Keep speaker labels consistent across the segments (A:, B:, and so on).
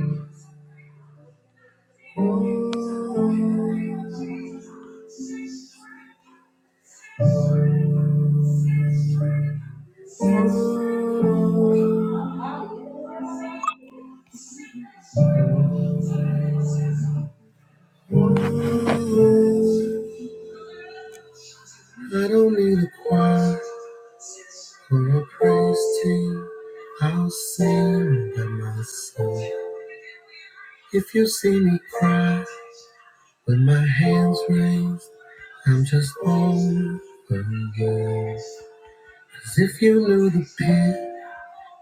A: I don't need a choir or a praise team. I'll sing by myself. If you see me cry with my hands raised, I'm just overwhelmed. Cause if you knew the pit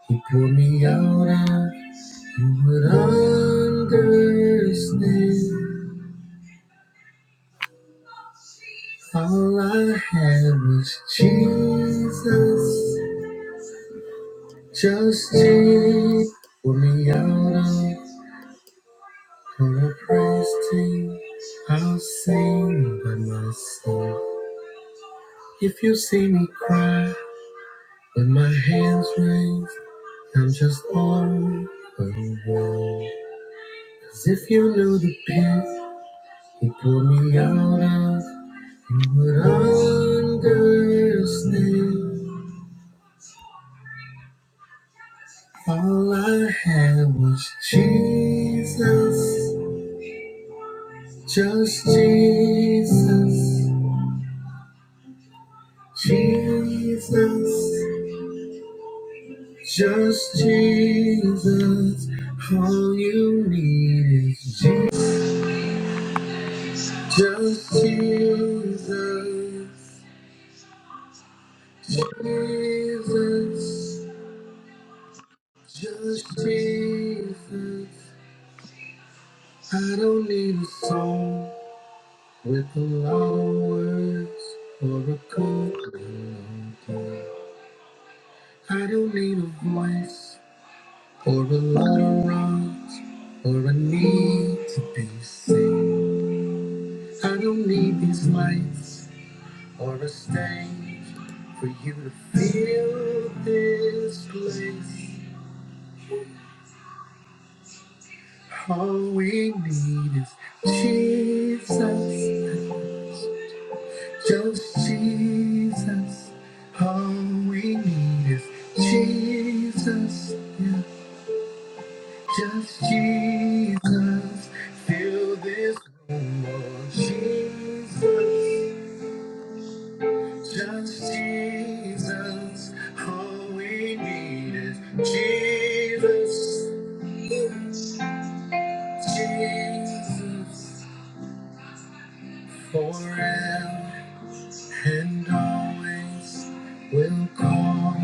A: he pulled me out of, you would understand. All I had was Jesus, just Jesus. Pulled me out of for a praise team. I'll sing by myself. If you see me cry with my hands raised, I'm just on the wall. 'Cause if you knew the pit He pulled me out of what understand. All I had was Jesus, just Jesus, Jesus, just Jesus. All you need is Jesus, just Jesus, Jesus, just Jesus. I don't need a song with a lot of words or a chord. I don't need a voice or a lot of rhymes or a need to be seen. I don't need these lights or a stage for you to feel this place. All we need is Jesus. Just Jesus, all we need is Jesus, yeah. Just Jesus, fill this room, oh Jesus. Just Jesus, all we need is Jesus, Jesus, forever. and always will call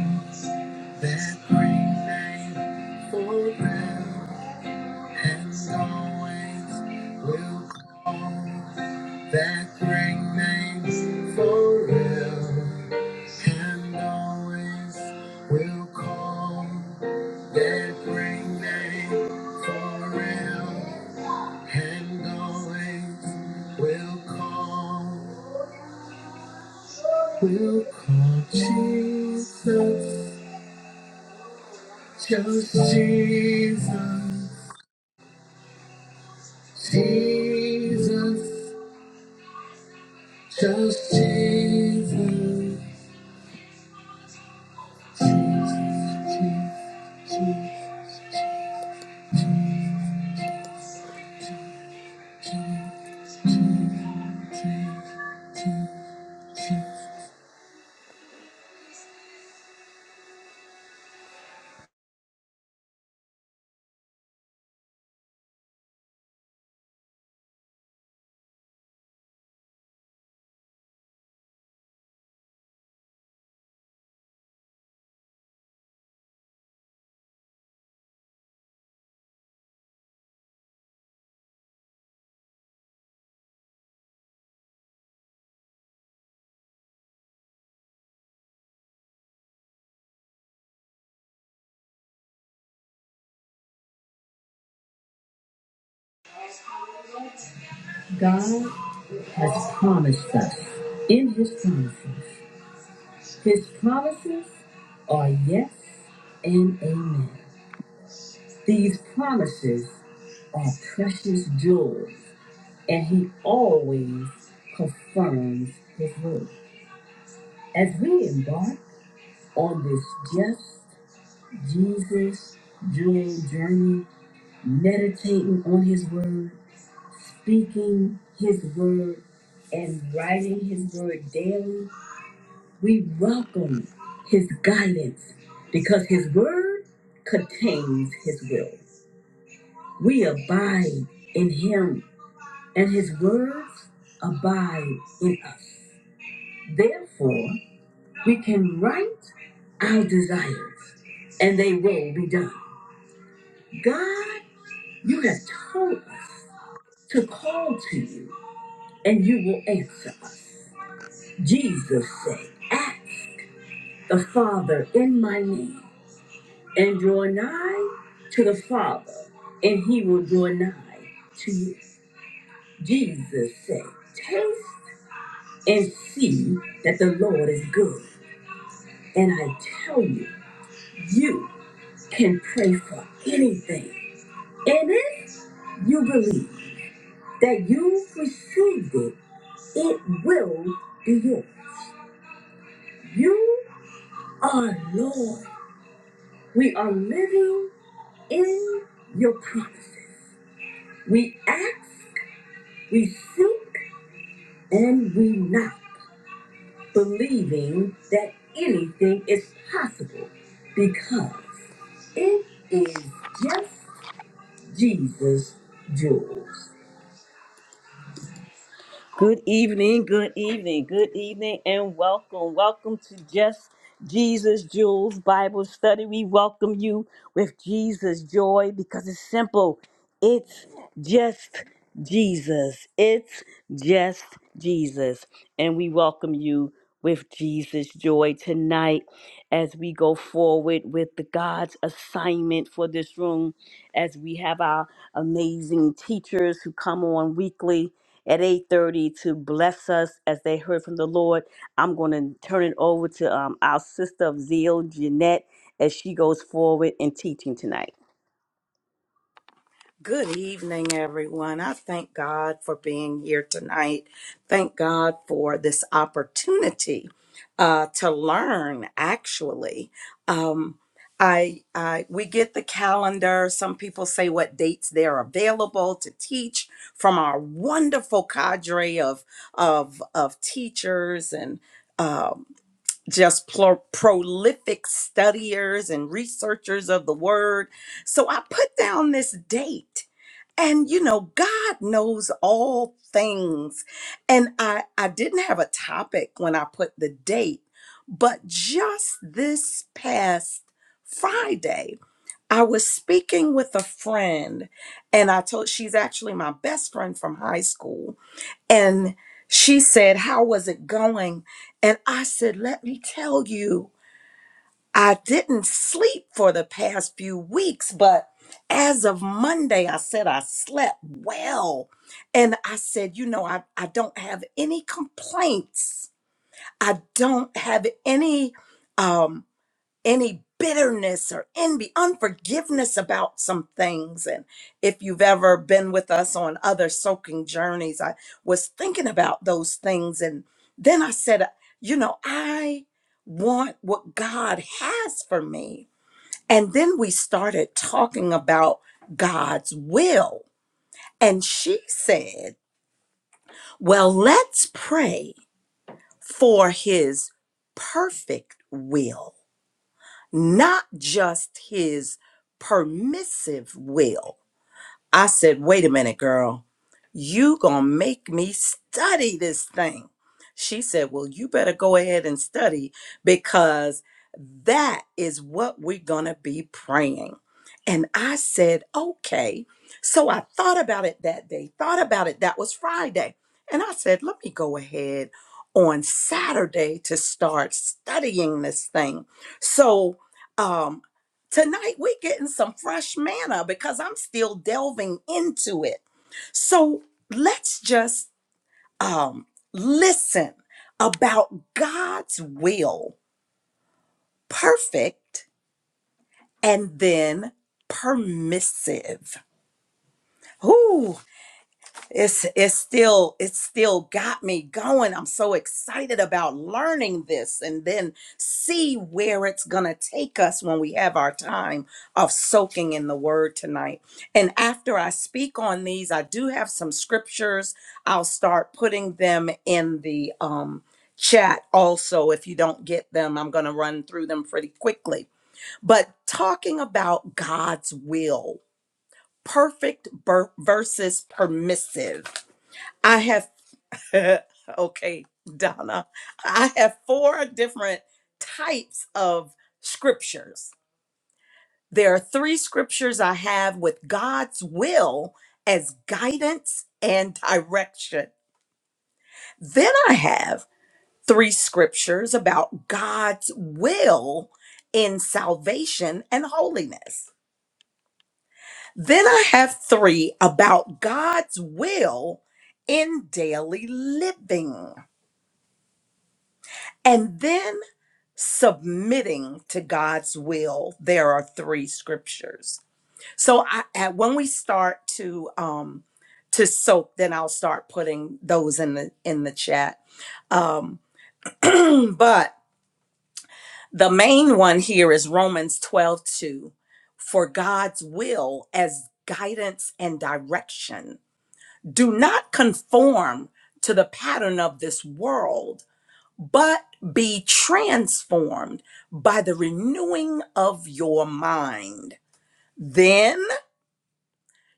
A: that great name forever and always will call that great name forever and always will call that great name forever and always will call We'll call Jesus, just Jesus, Jesus, just Jesus. God promised us in His promise. His promises are yes and amen. These promises are precious jewels, and He always confirms His word. As we embark on this just. Jesus during journey, meditating on his word, speaking his word, and writing his word daily, we welcome his guidance because his word contains his will. We abide in him, and his words abide in us. Therefore, we can write our desires, and they will be done. God You have told us to call to you, and you will answer us. Jesus said, Ask the Father in my name, and draw nigh to the Father, and he will draw nigh to you. Jesus said, Taste and see that the Lord is good. And I tell you, you can pray for anything. And if you believe that you've received it, it will be yours. You are Lord. We are living in your promises. We ask, we seek, and we knock, believing that anything is possible because it is just Jesus' jewels. Good evening, good evening, good evening, and welcome. Welcome to Just Jesus Jules Bible Study. We welcome you with Jesus joy because it's simple. It's just Jesus. It's just Jesus. And we welcome you with Jesus joy tonight as we go forward with the God's assignment for this room as we have our amazing teachers who come on weekly at 8.30 to bless us as they heard from the lord i'm going to turn it over to um, our sister of zeal jeanette as she goes forward in teaching tonight
B: Good evening, everyone. I thank God for being here tonight. Thank God for this opportunity uh, to learn. Actually, um, I, I we get the calendar. Some people say what dates they're available to teach from our wonderful cadre of of of teachers and. Um, just pro- prolific studiers and researchers of the word. So I put down this date and you know god knows all things and i i didn't have a topic when i put the date but just this past friday i was speaking with a friend and i told she's actually my best friend from high school and she said how was it going and i said let me tell you I didn't sleep for the past few weeks, but as of Monday, I said I slept well. And I said, you know, I, I don't have any complaints. I don't have any. um, any bitterness or envy, unforgiveness about some things. And if you've ever been with us on other soaking journeys, I was thinking about those things. And then I said, you know, I want what God has for me. And then we started talking about God's will. And she said, well, let's pray for his perfect will. not just his permissive will, I said, wait a minute, girl, you gonna make me study this thing. She said, well, you better go ahead and study because that is what we're gonna be praying. And I said, okay. So I thought about it that day, thought about it. That was Friday. And I said, let me go ahead on Saturday to start studying this thing. So, um, Tonight, we're getting some fresh manna because I'm still delving into it. So let's just um, listen about God's will, perfect and then permissive. Ooh. it's it's still it's still got me going i'm so excited about learning this and then see where it's gonna take us when we have our time of soaking in the word tonight and after i speak on these i do have some scriptures i'll start putting them in the um chat also if you don't get them i'm gonna run through them pretty quickly but talking about god's will perfect ber- versus permissive I have, okay, Donna, I have four different types of scriptures. There are three scriptures I have with God's will as guidance and direction. Then I have three scriptures about God's will in salvation and holiness. Then I have three about God's will in daily living. And then submitting to God's will, there are three scriptures. So I, at, when we start to um, to soak, then I'll start putting those in the in the chat. Um, but the main one here is Romans 12 2, for God's will as guidance and direction. Do not conform to the pattern of this world but be transformed by the renewing of your mind. Then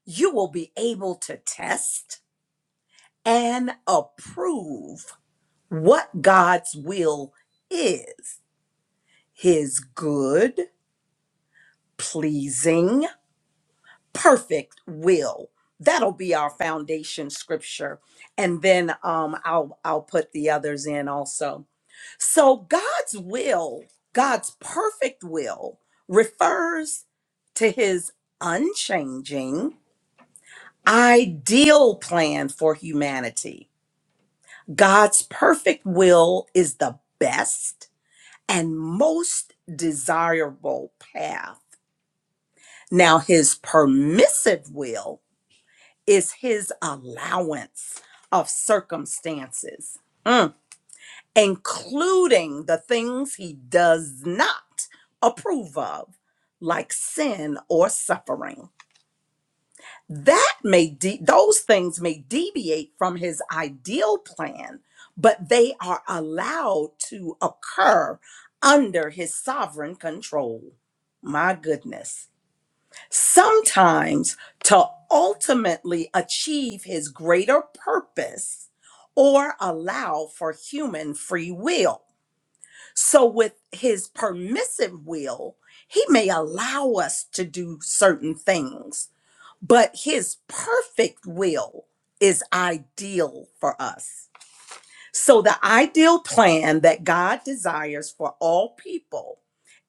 B: you will be able to test and approve what God's will is his good, pleasing, perfect will. That'll be our foundation scripture. And then um, I'll I'll put the others in also. So God's will, God's perfect will, refers to his unchanging, ideal plan for humanity. God's perfect will is the best and most desirable path. Now, his permissive will is his allowance of circumstances. Mm. including the things he does not approve of, like sin or suffering. That may de- those things may deviate from his ideal plan, but they are allowed to occur under his sovereign control. My goodness. Sometimes to ultimately achieve his greater purpose or allow for human free will. So, with his permissive will, he may allow us to do certain things, but his perfect will is ideal for us. So, the ideal plan that God desires for all people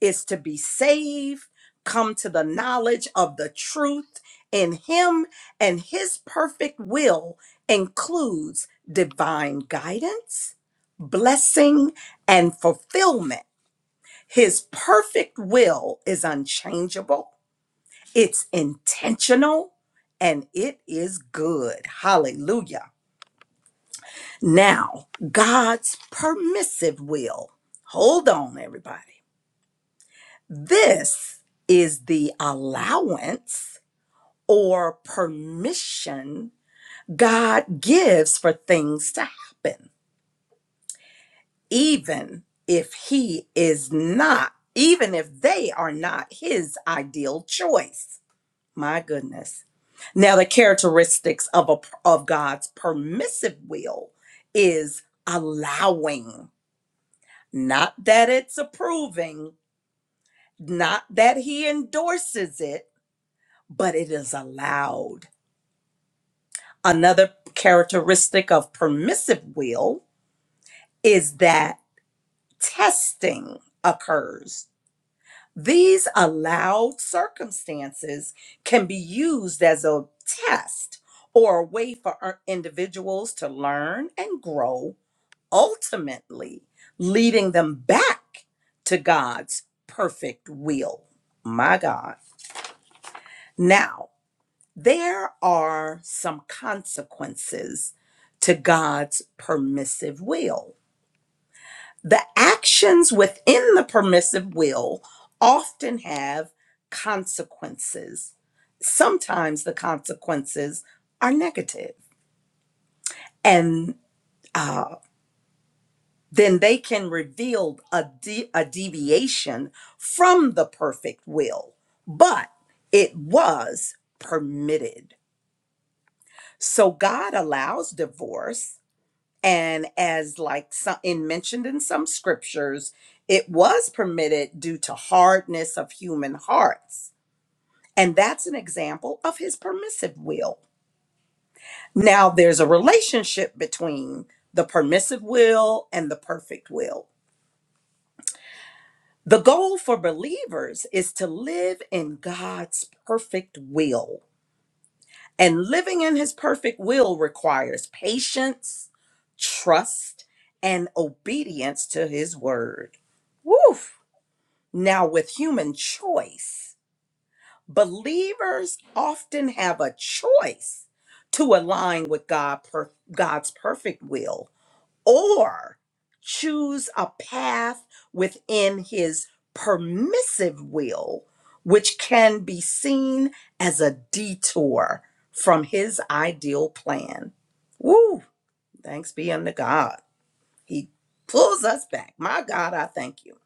B: is to be saved, come to the knowledge of the truth in Him, and His perfect will includes divine guidance, blessing, and fulfillment his perfect will is unchangeable, it's intentional, and it is good. Hallelujah. Now, God's permissive will. Hold on, everybody. This is the allowance or permission God gives for things to happen, even if He is not, even if they are not His ideal choice. My goodness. Now the characteristics of a of God's permissive will is allowing, not that it's approving, not that he endorses it, but it is allowed. Another characteristic of permissive will is that testing occurs These allowed circumstances can be used as a test or a way for our individuals to learn and grow, ultimately leading them back to God's perfect will. My God. Now, there are some consequences to God's permissive will. The actions within the permissive will often have consequences. Sometimes the consequences are negative, and uh, then they can reveal a, de- a deviation from the perfect will, but it was permitted. So God allows divorce and as like some in mentioned in some scriptures it was permitted due to hardness of human hearts and that's an example of his permissive will now there's a relationship between the permissive will and the perfect will the goal for believers is to live in god's perfect will And living in his perfect will requires patience, trust, and obedience to his word. Woof! Now, with human choice, believers often have a choice to align with God per- God's perfect will or choose a path within his permissive will, which can be seen as a detour from his ideal plan. Woo! Thanks be unto God. He pulls us back. My God, I thank you.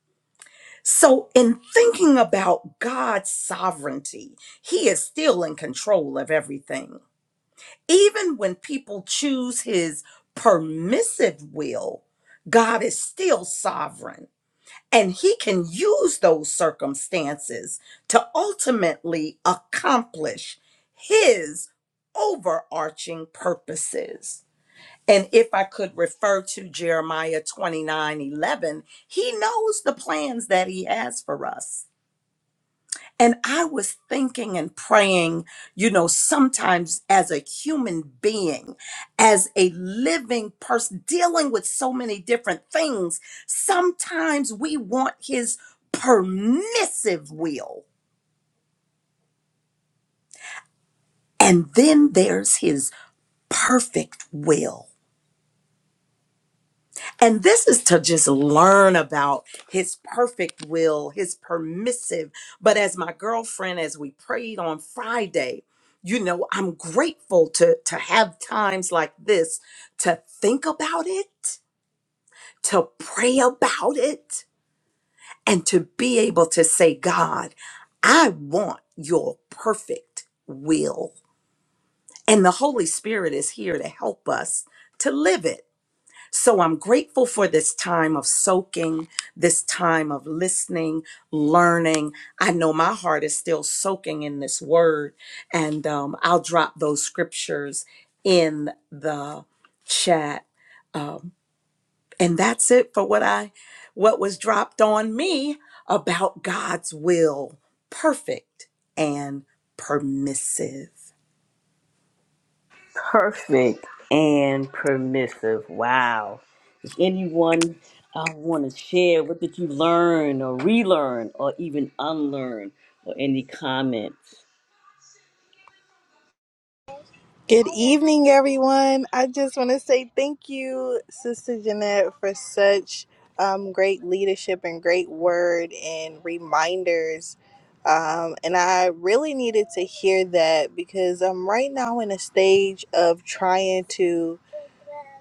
B: So, in thinking about God's sovereignty, he is still in control of everything even when people choose his permissive will, God is still sovereign. And he can use those circumstances to ultimately accomplish his overarching purposes. And if I could refer to Jeremiah 29 11, he knows the plans that he has for us and I was thinking and praying, you know, sometimes as a human being, as a living person, dealing with so many different things, sometimes we want his permissive will. And then there's his perfect will. And this is to just learn about his perfect will, his permissive. But as my girlfriend, as we prayed on Friday, you know, I'm grateful to, to have times like this to think about it, to pray about it, and to be able to say, God, I want your perfect will. And the Holy Spirit is here to help us to live it so I'm grateful for this time of soaking, this time of listening, learning. I know my heart is still soaking in this word, and um, I'll drop those scriptures in the chat. Um, and that's it for what I what was dropped on me about God's will, perfect and permissive.
A: perfect and permissive wow does anyone uh, want to share what did you learn or relearn or even unlearn or any comments
C: Good evening, everyone. I just want to say thank you, Sister Jeanette, for such um, great leadership and great word and reminders. Um, and I really needed to hear that because I'm right now in a stage of trying to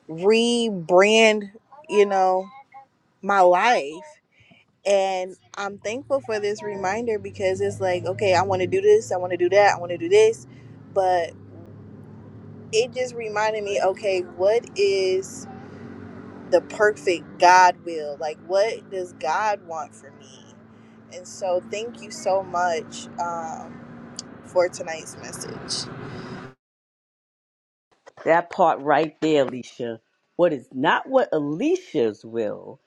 C: rebrand, you know, my life. And I'm thankful for this reminder because it's like, okay, I want to do this, I want to do that, I want to do this it just reminded me okay what is the perfect god will like what does god want for me and so thank you so much um, for tonight's message
A: that part right there alicia what is not what alicia's will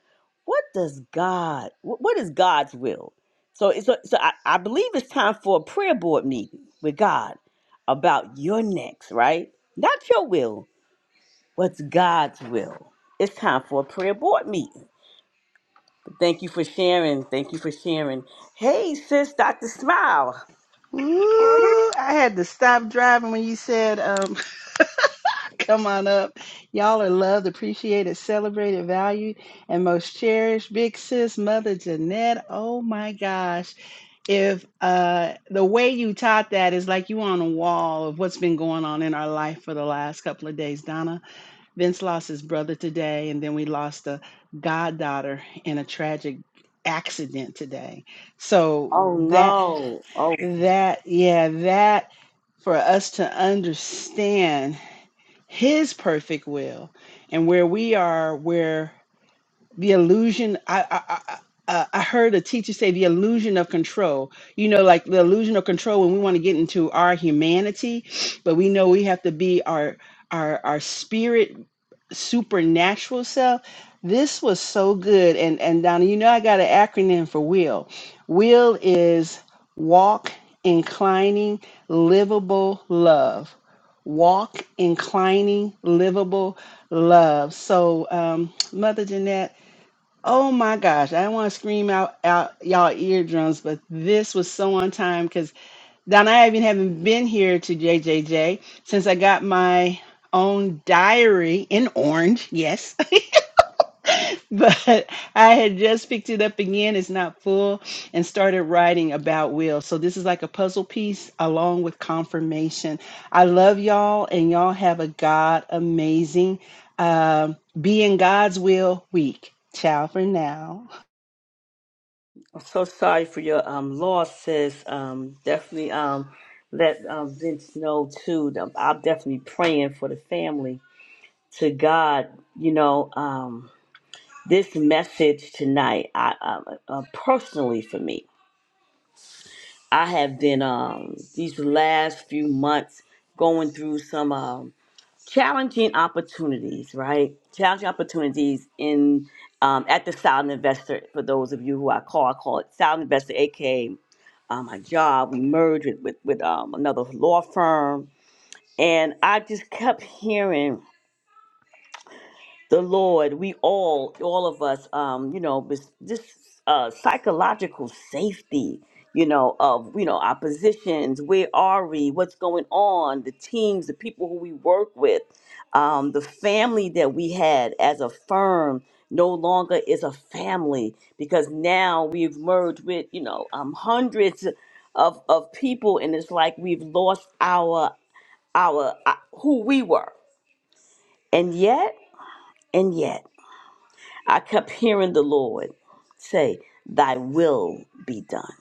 A: what does God, wh- what is God's will? So, it's- so, so I, I believe it's time for a prayer board meeting with God about your next, right? Not your will, what's God's will. It's time for a prayer board meeting. Thank you for sharing. Thank you for sharing. Hey, sis, Dr. Smile.
D: Ooh, I had to stop driving when you said, um, come on up. Y'all are loved, appreciated, celebrated, valued, and most cherished. Big sis, Mother Jeanette. Oh my gosh. If uh, the way you taught that is like you on a wall of what's been going on in our life for the last couple of days. Donna Vince lost his brother today, and then we lost a goddaughter in a tragic accident today. So
A: Oh
D: that
A: no. Oh,
D: that, yeah, that for us to understand His perfect will and where we are, where the illusion I, I, I uh, I heard a teacher say the illusion of control. You know, like the illusion of control when we want to get into our humanity, but we know we have to be our our our spirit supernatural self. This was so good. And and Donna, you know I got an acronym for will. Will is walk inclining livable love. Walk inclining livable love. So um Mother Jeanette Oh my gosh, I want to scream out, out y'all eardrums, but this was so on time because Donna, I even haven't been here to JJJ since I got my own diary in orange, yes, but I had just picked it up again. It's not full and started writing about Will. So this is like a puzzle piece along with confirmation. I love y'all, and y'all have a God amazing um, be in God's will week. Ciao for now.
A: I'm so sorry for your um loss, sis. Um, definitely um let um Vince know too. Um, I'm definitely praying for the family to God, you know, um, this message tonight, I, I uh, personally for me, I have been um, these last few months going through some um, challenging opportunities, right? Challenging opportunities in um, at the Silent Investor. For those of you who I call, I call it Silent Investor, aka uh, my job. We merged with with, with um, another law firm, and I just kept hearing the Lord, we all, all of us, um, you know, this, this uh, psychological safety, you know, of, you know, our positions, where are we, what's going on, the teams, the people who we work with, um, the family that we had as a firm no longer is a family because now we've merged with, you know, um, hundreds of, of people and it's like we've lost our, our, uh, who we were. And yet, and yet. I kept hearing the Lord say, Thy will be done.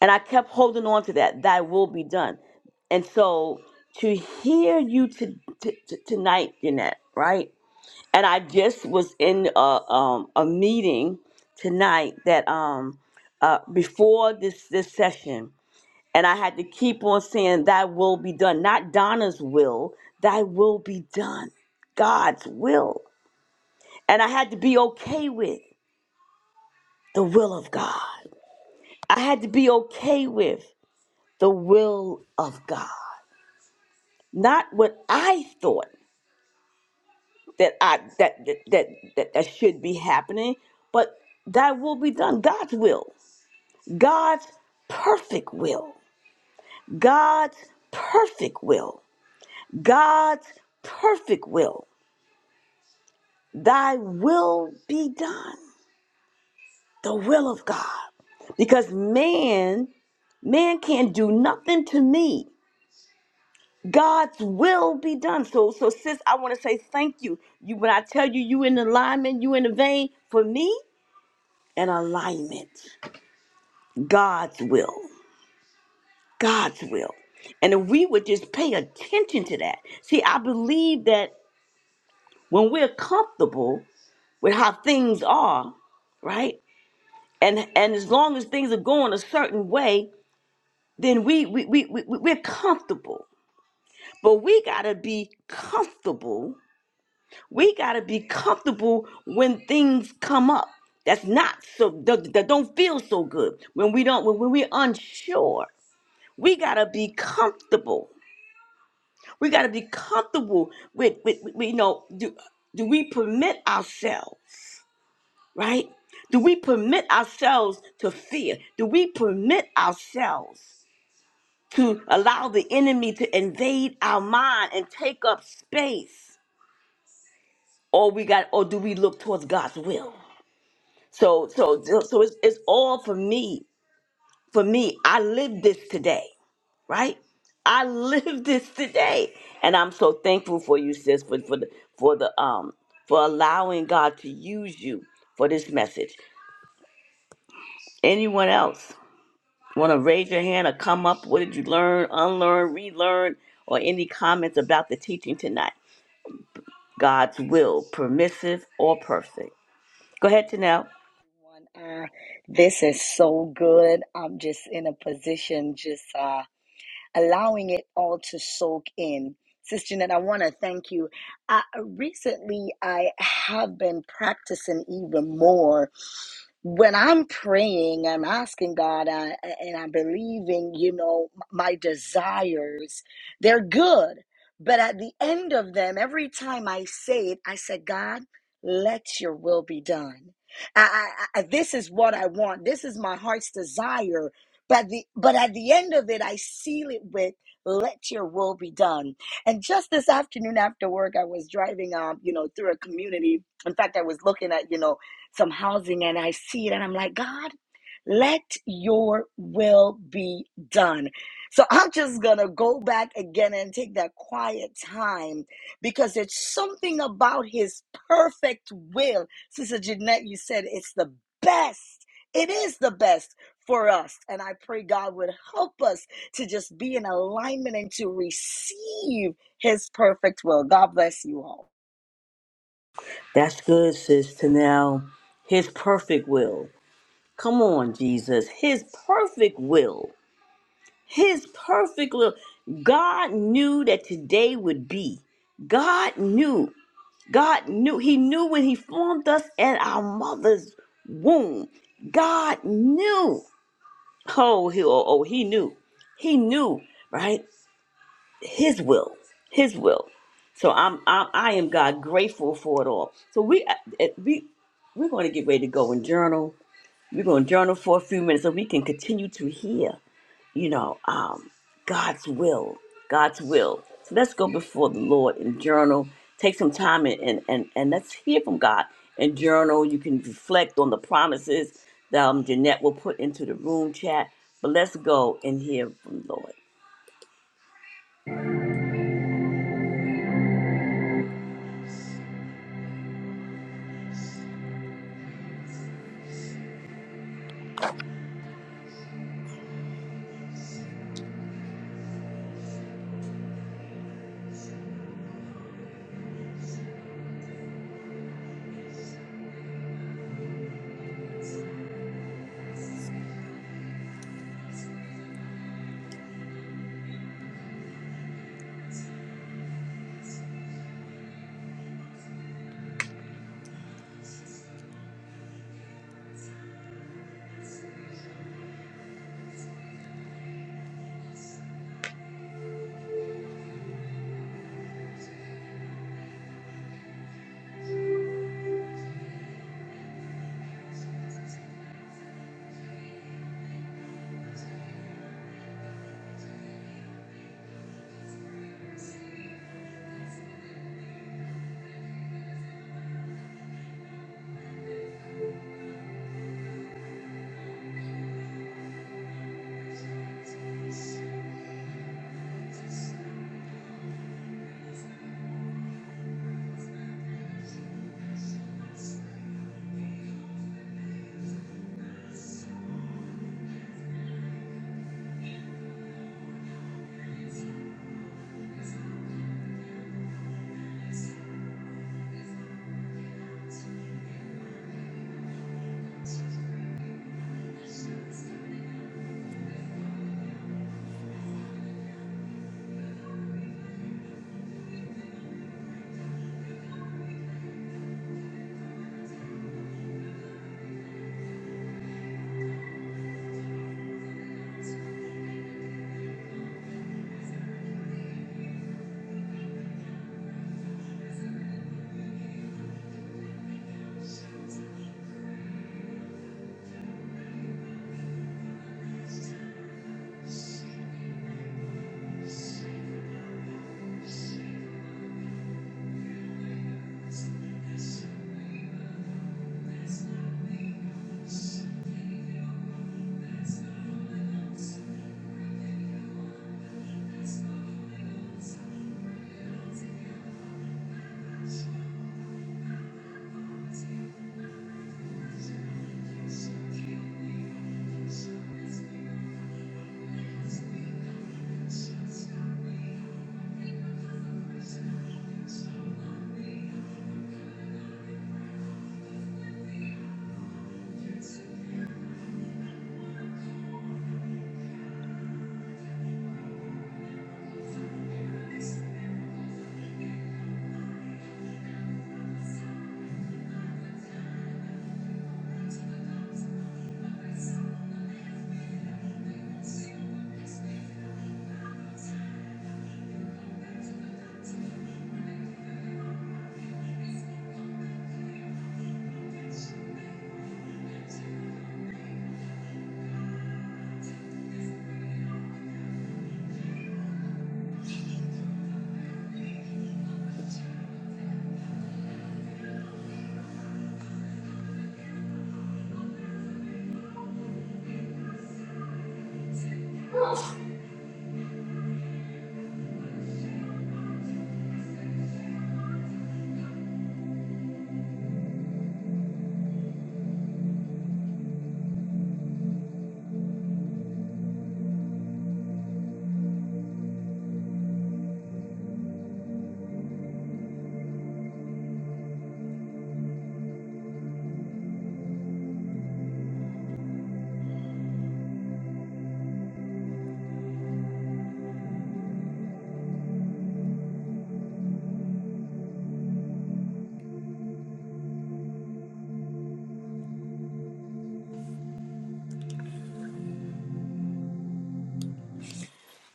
A: And I kept holding on to that, Thy will be done. And so to hear you to, to, to- tonight, Jeanette, right? And I just was in a, um, a meeting tonight that um, uh, before this, this session, and I had to keep on saying, Thy will be done, not Donna's will, Thy will be done, God's will. And I had to be okay with. the will of God. I had to be okay with the will of God, not what I thought that I that that that that, that should be happening, but that will be done. God's will, God's perfect will, God's perfect will, God's perfect will. Thy will be done. The will of God, because man man can't do nothing to me God's will be done. So, so sis, I want to say thank you. You, when I tell you, you in alignment, you in the vein. For me, an alignment, God's will, God's will. And if we would just pay attention to that, see, I believe that when we're comfortable with how things are, right, and and as long as things are going a certain way, then we we we, we we're comfortable. But we gotta be comfortable We got to be comfortable when things come up. That's not so that, that don't feel so good. When we don't when, when we're unsure, we got to be comfortable. We got to be comfortable with, with, with you know do, do we permit ourselves, right? Do we permit ourselves to fear? Do we permit ourselves to allow the enemy to invade our mind and take up space? Or we got or do we look towards God's will? So so so so it's it's all for me. For me, I live this today, right? I live this today, and I'm so thankful for you, sis, for for the for the um for allowing God to use you for this message. Anyone else want to raise your hand or come up? What did you learn, unlearn, relearn, or any comments about the teaching tonight? God's will, permissive or perfect. Go ahead, Tanel.
E: Uh, this is so good. I'm just in a position, just uh, allowing it all to soak in. Sister Jeanette, I want to thank you. Uh, recently, I have been practicing even more when I'm praying, I'm asking God, I, and I'm believing, you know, my desires, they're good. But at the end of them, every time I say it, I said, God, let your will be done. I, I, I, this is what I want. This is my heart's desire. But the but at the end of it, I seal it with let your will be done. And just this afternoon after work, I was driving um, you know, through a community. In fact, I was looking at, you know, some housing and I see it and I'm like, God, let your will be done. So I'm just going to go back again and take that quiet time because it's something about his perfect will. Sister Jeanette, you said it's the best. It is the best for us. And I pray God would help us to just be in alignment and to receive his perfect will. God bless you all.
A: That's good, sis. Tanel, His perfect will. Come on, Jesus. His perfect will. His perfect will. God knew that today would be. God knew. God knew. He knew when He formed us in our mother's womb. God knew. Oh, he, oh, oh, he knew. He knew, right? His will. His will. So I'm, I'm I am God grateful for it all. So we uh, uh, we we're going to get ready to go and journal we're going to journal for a few minutes so we can continue to hear, you know, um, God's will, God's will. So let's go before the Lord and journal. Take some time and, and, and, and let's hear from God and journal. You can reflect on the promises that um, Jeanette will put into the room chat. But let's go and hear from the Lord.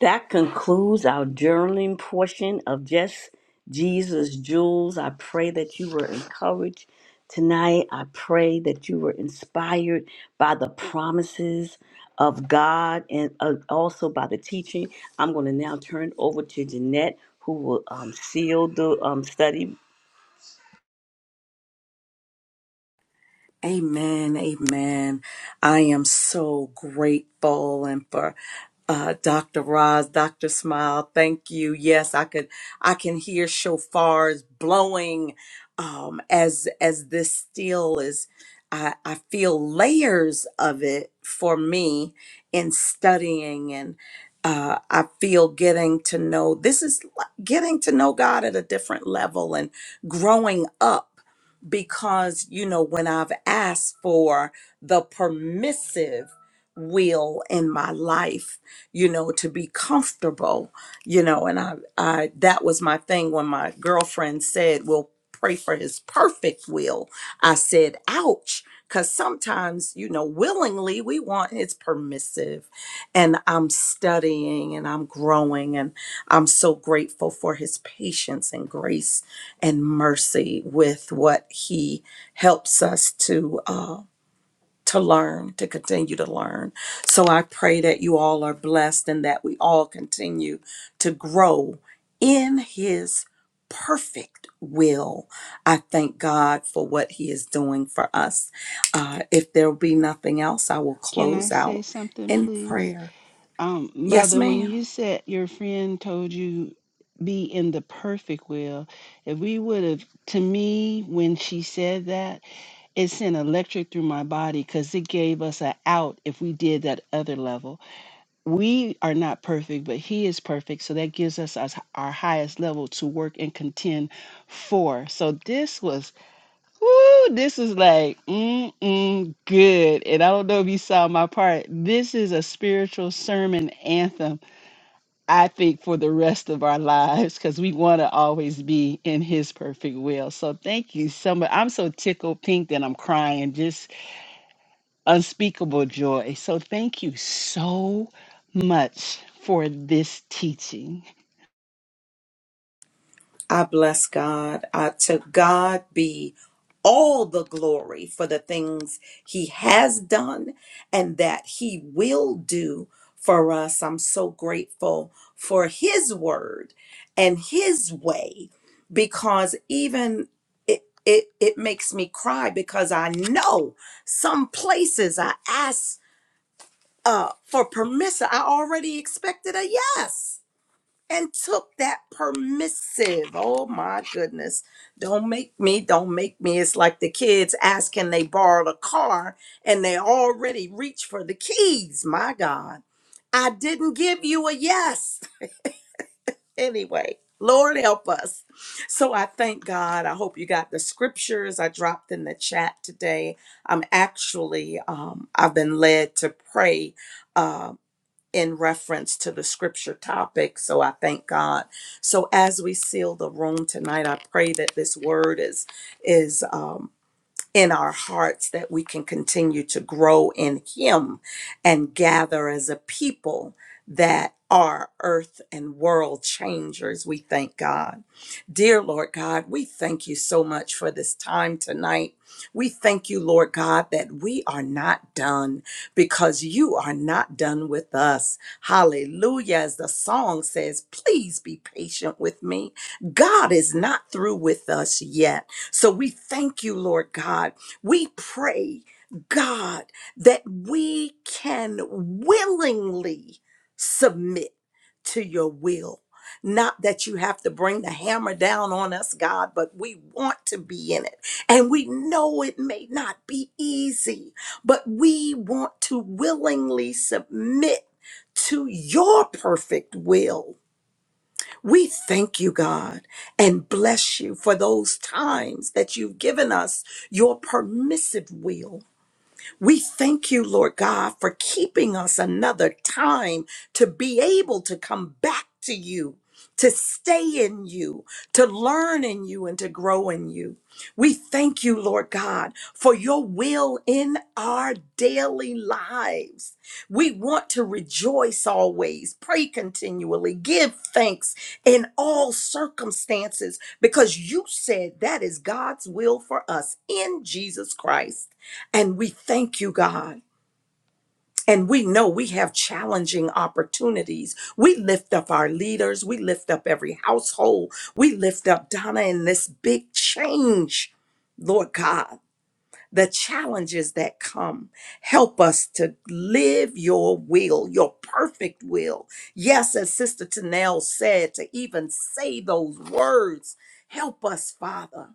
A: That concludes our journaling portion of Just Jesus Jewels. I pray that you were encouraged tonight. I pray that you were inspired by the promises of God and uh, also by the teaching. I'm going to now turn it over to Jeanette, who will um, seal the um, study.
B: Amen. Amen. I am so grateful and for uh, Dr. Roz, Dr. Smile, thank you. Yes, I could, I can hear shofars blowing, um, as, as this still is, I, I feel layers of it for me in studying and, uh, I feel getting to know, this is li- getting to know God at a different level and growing up because you know when i've asked for the permissive will in my life you know to be comfortable you know and i i that was my thing when my girlfriend said well pray for his perfect will i said ouch because sometimes you know willingly we want his permissive and i'm studying and i'm growing and i'm so grateful for his patience and grace and mercy with what he helps us to uh, to learn to continue to learn so i pray that you all are blessed and that we all continue to grow in his perfect will i thank god for what he is doing for us uh, if there will be nothing else i will
D: Can I
B: close
D: say
B: out
D: something,
B: in
D: please?
B: prayer
D: Um,
B: yes
D: Mother, when
B: ma'am
D: you said your friend told you be in the perfect will, if we would have, to me, when she said that, it sent electric through my body because it gave us an out if we did that other level. We are not perfect, but He is perfect. So that gives us us- our highest level to work and contend for. So this was Woo, this is like mm-mm good. And I don't know if you saw my part. This is a spiritual sermon anthem, I think, for the rest of our lives, because we want to always be in his perfect will. So thank you so much. I'm so tickled pink that I'm crying, just unspeakable joy. So thank you so much for this teaching.
B: I bless God. I to God be all the glory for the things he has done and that he will do for us. I'm so grateful for his word and his way because even it it, it makes me cry because I know some places I asked uh, for permission. I already expected a yes and took that permissive. Oh my goodness. Don't make me, don't make me. It's like the kids asking they borrowed a car and they already reach for the keys. My God. I didn't give you a yes. Anyway, Lord help us. So I thank God. I hope you got the scriptures I dropped in the chat today. I'm actually um I've been led to pray uh, in reference to the scripture topic. So I thank God. So as we seal the room tonight, I pray that this word is is um, in our hearts that we can continue to grow in Him and gather as a people that are earth and world changers. We thank God. Dear Lord God, we thank you so much for this time tonight. We thank you, Lord God, that we are not done because you are not done with us. Hallelujah. As the song says, please be patient with me. God is not through with us yet. So we thank you, Lord God. We pray, God, that we can willingly submit to your will. Not that you have to bring the hammer down on us, God, but we want to be in it. And we know it may not be easy, but we want to willingly submit to your perfect will we thank you, God, and bless you for those times that you've given us your permissive will we thank you, Lord God, for keeping us another time to be able to come back to you, to stay in you, to learn in you, and to grow in you. We thank you, Lord God, for your will in our daily lives. We want to rejoice always, pray continually, give thanks in all circumstances, because you said that is God's will for us in Jesus Christ. And we thank you, God. And we know we have challenging opportunities. We lift up our leaders. We lift up every household. We lift up Donna in this big change, Lord God. The challenges that come, help us to live your will, your perfect will. Yes, as Sister Tanel said, to even say those words. Help us, Father.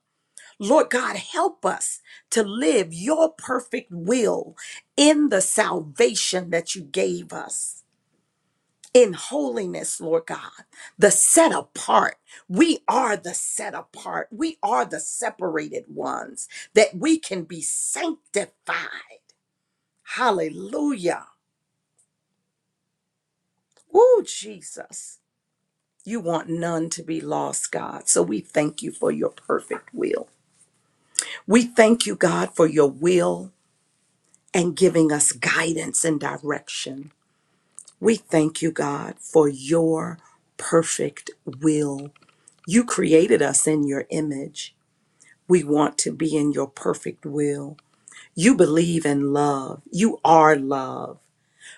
B: Lord God, help us to live your perfect will in the salvation that you gave us. In holiness, Lord God, the set apart. We are the set apart. We are the separated ones that we can be sanctified. Hallelujah. Woo, Jesus. You want none to be lost, God. So we thank you for your perfect will. We thank you, God, for your will and giving us guidance and direction. We thank you, God, for your perfect will. You created us in your image. We want to be in your perfect will. You believe in love. You are love.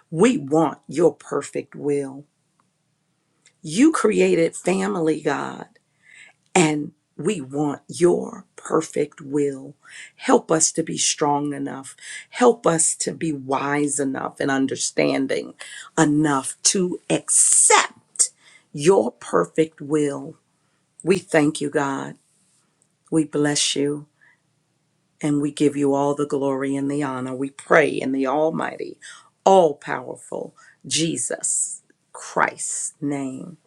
B: We want your perfect will. You created family, God. and we want your perfect will. Help us to be strong enough. Help us to be wise enough and understanding enough to accept your perfect will. We thank you, God. We bless you and we give you all the glory and the honor. We pray in the Almighty, all powerful Jesus Christ's name.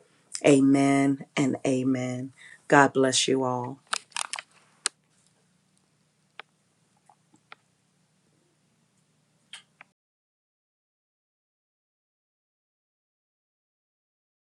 B: Amen and amen. God bless you all.